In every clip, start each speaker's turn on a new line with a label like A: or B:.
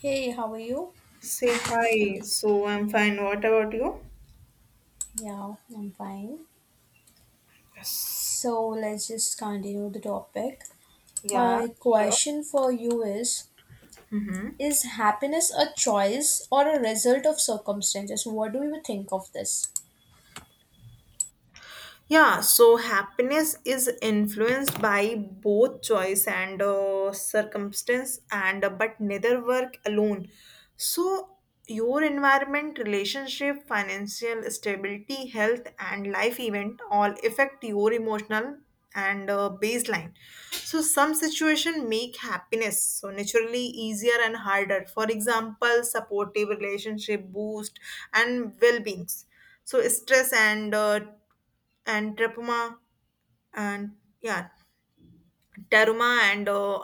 A: Hey, how are you?
B: Say hi. So I'm fine. What about you?
A: Yeah, I'm fine.
B: Yes.
A: So let's just continue the topic.
B: Yeah,
A: My
B: sure.
A: question for you is
B: Mhm.
A: Is happiness a choice or a result of circumstances? What do you think of this?
B: Yeah, so happiness is influenced by both choice and circumstance, and but neither work alone. So your environment, relationship, financial stability, health, and life event all affect your emotional and baseline. So some situation make happiness so naturally easier and harder. For example, supportive relationship boost and well beings. So stress and tripuma and yeah teruma and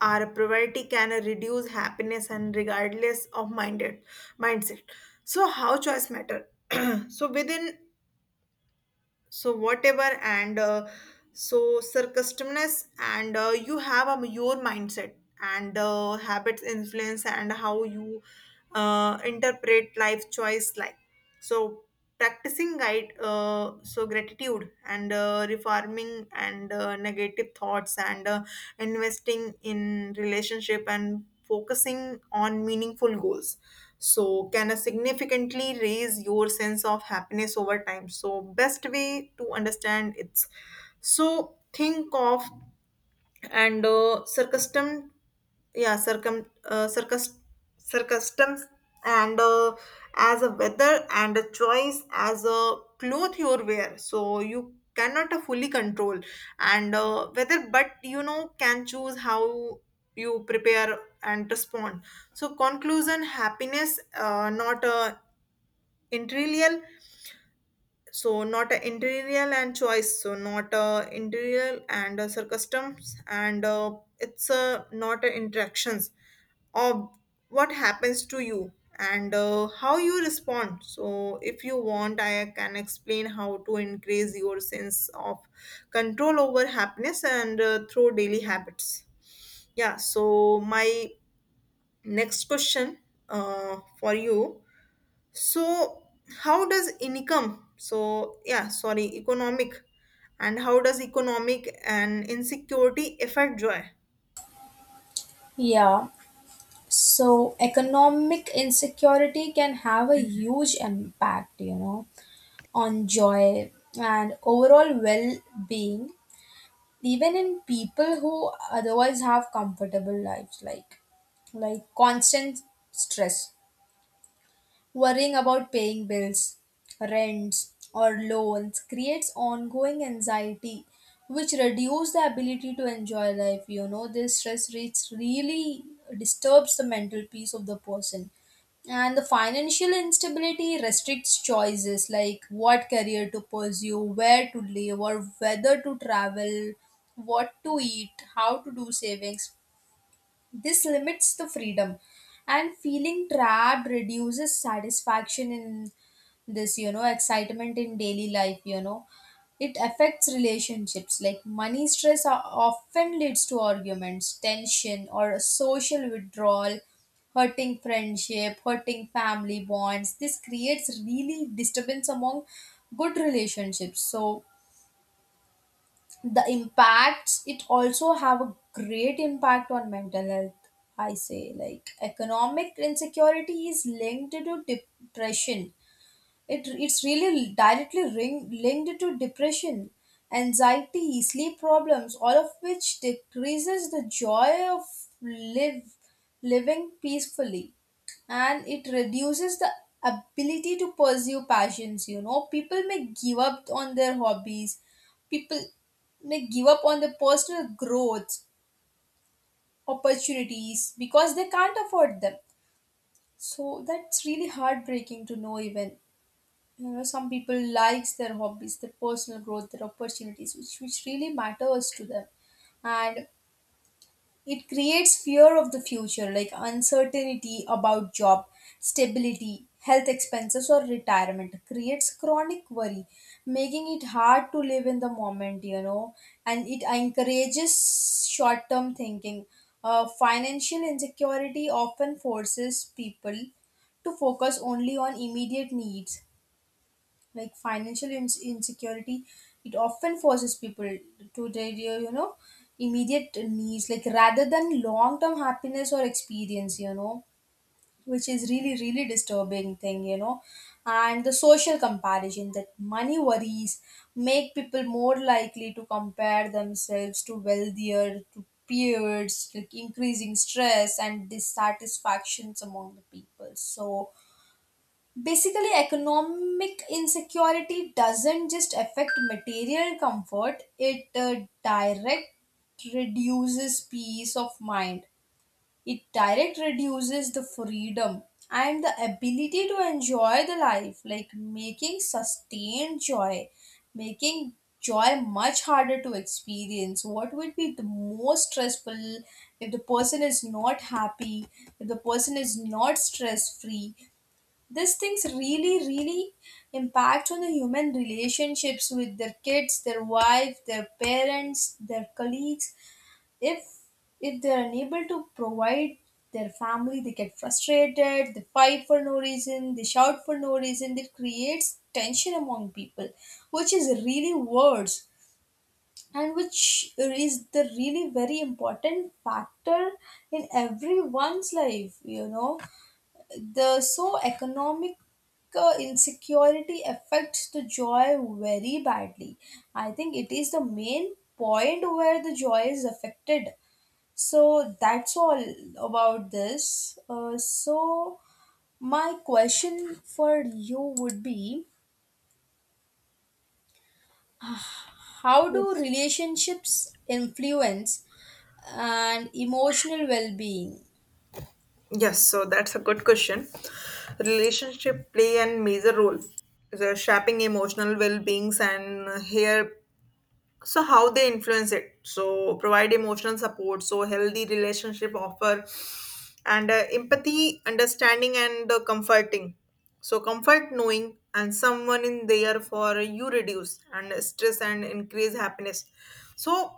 B: our poverty can reduce happiness and regardless of minded mindset, so how choice matter. So within, so whatever and so circuitousness and you have your mindset and habits influence and how you interpret life choice like, so practicing guide so gratitude and reforming and negative thoughts, and investing in relationship and focusing on meaningful goals, so can a significantly raise your sense of happiness over time. So best way to understand it's, so think of and circumstant, yeah circum circus, circumstance and as a weather and a choice as a cloth you wear, so you cannot fully control and whether, but you know can choose how you prepare and respond. So conclusion, happiness not a uh, so not a interior and choice, so not a interior and a circumstance, and it's not a interactions of what happens to you and how you respond. So if you want I can explain how to increase your sense of control over happiness and through daily habits. Yeah, so my next question for you, so how does income, so yeah, sorry, economic, and how does economic and insecurity affect joy?
A: Yeah, so economic insecurity can have a huge impact, you know, on joy and overall well being, even in people who otherwise have comfortable lives, like constant stress worrying about paying bills, rents, or loans creates ongoing anxiety, which reduces the ability to enjoy life. You know, this stress rates really disturbs the mental peace of the person. And the financial instability restricts choices like what career to pursue, where to live, or whether to travel, what to eat, how to do savings. This limits the freedom, and feeling trapped reduces satisfaction in this, you know, excitement in daily life, you know. It affects relationships like money stress often leads to arguments, tension, or social withdrawal, hurting friendship, hurting family bonds. This creates really disturbance among good relationships. So, the impacts it also have a great impact on mental health. I say like economic insecurity is linked to depression. It's really linked to depression, anxiety, sleep problems, all of which decreases the joy of live living peacefully. And it reduces the ability to pursue passions. You know, people may give up on their hobbies, people may give up on their personal growth opportunities because they can't afford them. So that's really heartbreaking to know. Even you know some people likes their hobbies, their personal growth, their opportunities, which really matters to them. And it creates fear of the future, like uncertainty about job stability, health expenses, or retirement creates chronic worry, making it hard to live in the moment, you know. And it encourages short term thinking. Financial insecurity often forces people to focus only on immediate needs. Like financial ins insecurity, it often forces people to their, you know, immediate needs, like rather than long term happiness or experience, you know, which is really really disturbing thing, you know. And the social comparison, that money worries make people more likely to compare themselves to wealthier, to peers, like increasing stress and dissatisfactions among the people. So basically, economic insecurity doesn't just affect material comfort, it direct reduces peace of mind. It direct reduces the freedom and the ability to enjoy the life, like making sustained joy, making joy much harder to experience. What would be the most stressful if the person is not happy, if the person is not stress free? These things really really impact on the human relationships with their kids, their wife, their parents, their colleagues. if if they're unable to provide their family, they get frustrated, they fight for no reason, they shout for no reason, it creates tension among people, which is really worse, and which is the really very important factor in everyone's life, you know. The so economic insecurity affects the joy very badly. I think it is the main point where the joy is affected. So that's all about this, so my question for you would be, how do
B: Yes.
A: relationships influence and emotional well-being?
B: Yes, so that's a good question. Relationship play a major role, the shaping emotional well-beings, and here so how they influence it, so provide emotional support, so healthy relationship offer and empathy understanding and comforting, so comfort knowing and someone in there for you reduce and stress and increase happiness. So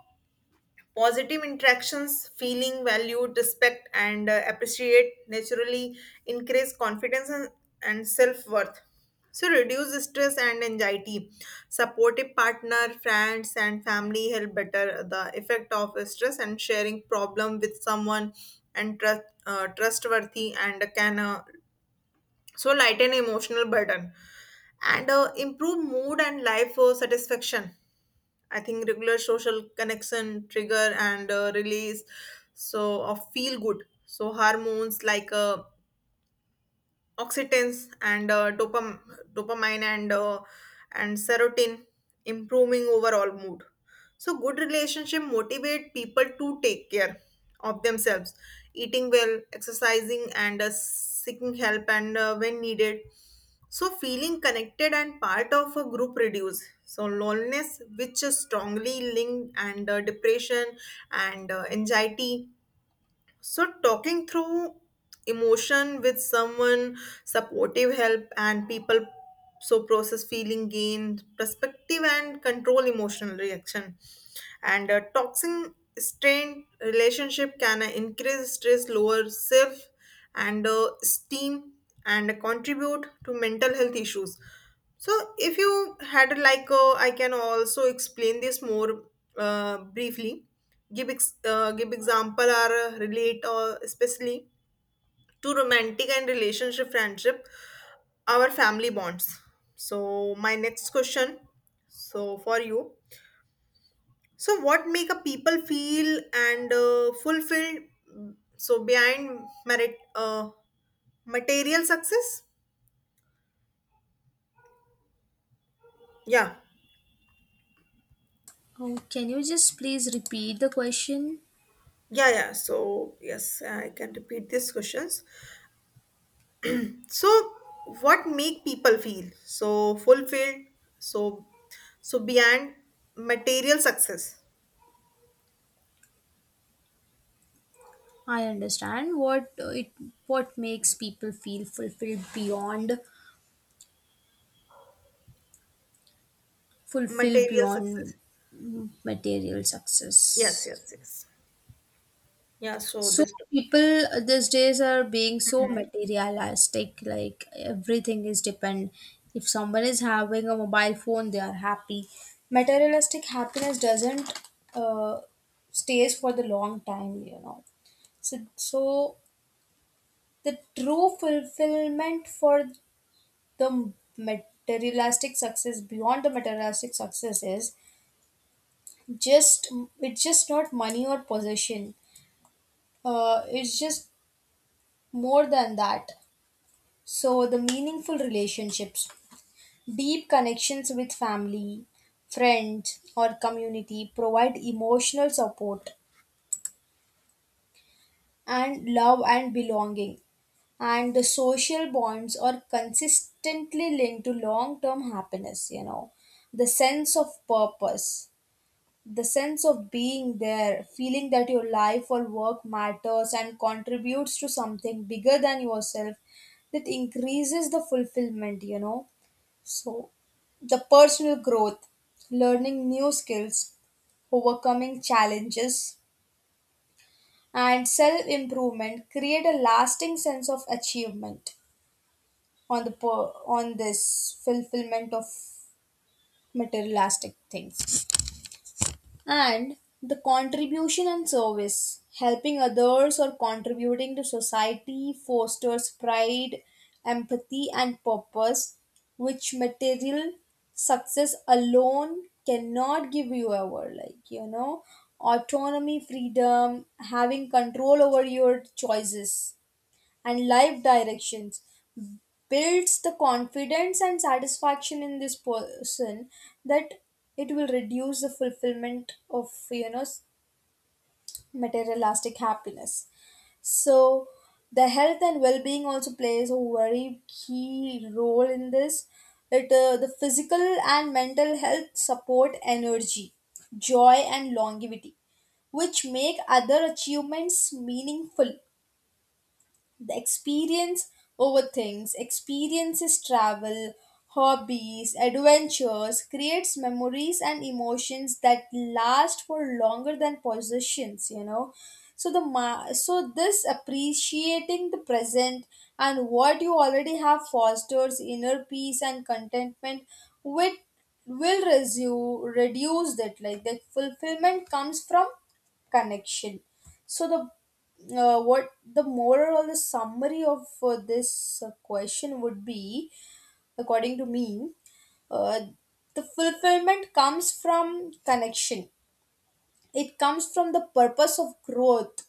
B: positive interactions, feeling valued, respect, and appreciate naturally increase confidence and self worth. So, reduce stress and anxiety. Supportive partner, friends, and family help better the effect of stress and sharing problem with someone and trust, trustworthy and can so lighten emotional burden and improve mood and life satisfaction. I think regular social connection trigger and release so of feel good so hormones like oxytins and dopamine and serotonin improving overall mood. So good relationship motivate people to take care of themselves, eating well, exercising, and seeking help and when needed. So feeling connected and part of a group reduce so loneliness, which is strongly linked and depression and anxiety. So, talking through emotion with someone, supportive help, and people so process feeling gain perspective and control emotional reaction. And a toxic strained relationship can increase stress, lower self and esteem, and contribute to mental health issues. So if you had like I can also explain this more briefly, give give example or relate or especially to romantic and relationship, friendship, our family bonds. So my next question so for you, so what make a people feel and fulfilled, mm, so behind merit material success? Yeah,
A: Oh, can you just please repeat the question?
B: yeah, yeah, so yes I can repeat these questions. So what make people feel so fulfilled, so so beyond material success,
A: I understand what it what makes people feel fulfilled
B: material success.
A: beyond, material
B: Yes,
A: success.
B: yes, yes. Yeah, so
A: So
B: this topic.
A: people these days are being so materialistic, like everything is depend. If someone is having a mobile phone they are happy. Materialistic happiness doesn't uh, stays for the long time, you know. So the true fulfillment for the materialistic success is just, it's just not money or possession. It's just more than that. So the meaningful relationships, deep connections with family, friends or community provide emotional support and love and belonging, and the social bonds are consistently linked to long term happiness, you know. The sense of purpose, the sense of being there, feeling that your life or work matters and contributes to something bigger than yourself, that increases the fulfillment, you know. So, the personal growth, learning new skills, overcoming challenges, and self improvement create a lasting sense of achievement on the per- on this fulfillment of materialistic things. And the contribution and service, helping others or contributing to society, fosters pride, empathy and purpose, which material success alone cannot give you ever, like you know. Autonomy, freedom, having control over your choices and life directions builds the confidence and satisfaction in this person, that it will reduce the fulfillment of, you know, materialistic happiness. So the health and well-being also plays a very key role in this. It The physical and mental health support energy, joy and longevity, which make other achievements meaningful. The experience over things, experiences, travel, hobbies, adventures creates memories and emotions that last for longer than possessions, you know. So this appreciating the present and what you already have fosters inner peace and contentment, which reduce that, like the fulfillment comes from connection. So the what the moral or the summary of this question would be, according to me, uh, the fulfillment comes from connection, it comes from the purpose of growth,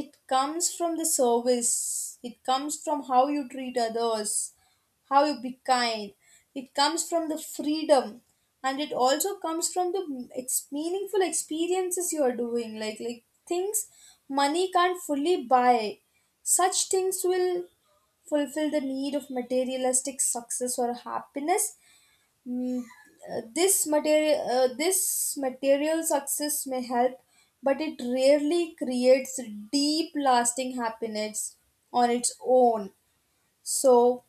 A: it comes from the service, it comes from how you treat others, how you be kind, it comes from the freedom, and it also comes from the meaningful experiences you are doing, like things money can't fully buy. Such things will fulfill the need of materialistic success or happiness. Mm, this material this material success may help, but it rarely creates deep lasting happiness on its own. So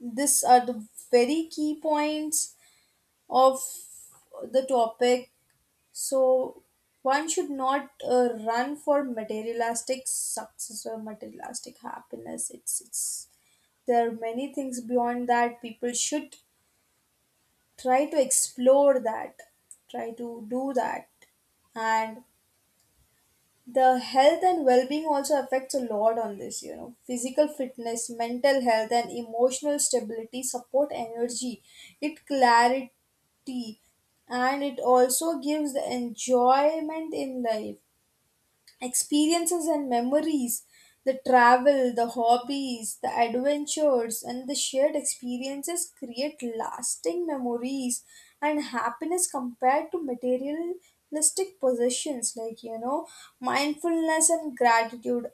A: these are the very key points of the topic. So one should not run for materialistic success or materialistic happiness. It's there are many things beyond that, people should try to explore that, try to do that. And the health and well-being also affects a lot on this, you know, physical fitness, mental health and emotional stability support energy, it clarity, and it also gives the enjoyment in life. Experiences and memories, the travel, the hobbies, the adventures and the shared experiences create lasting memories and happiness compared to materialistic possessions, like you know. Mindfulness and gratitude,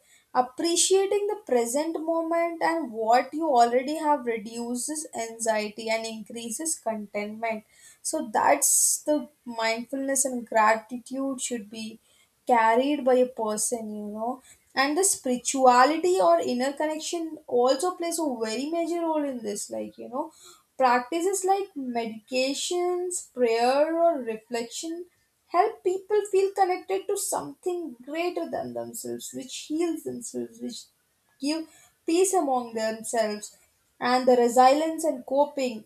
A: appreciating the present moment and what you already have, reduces anxiety and increases contentment. So that's the mindfulness and gratitude should be carried by a person, you know. And the spirituality or inner connection also plays a very major role in this, like you know, practices like meditations, prayer or reflection help people feel connected to something greater than themselves, which heals themselves, which give peace among themselves. And the resilience and coping,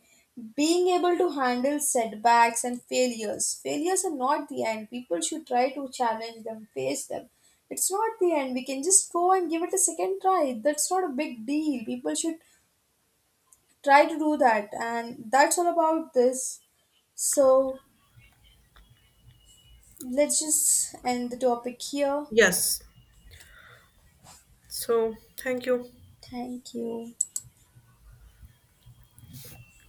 A: being able to handle setbacks and failures, failures are not the end, people should try to challenge them, face them, it's not the end, we can just go and give it a second try, that's not a big deal, people should try to do that, and that's all about this. So let's just end the topic here.
B: Yes, so thank you.
A: Thank you.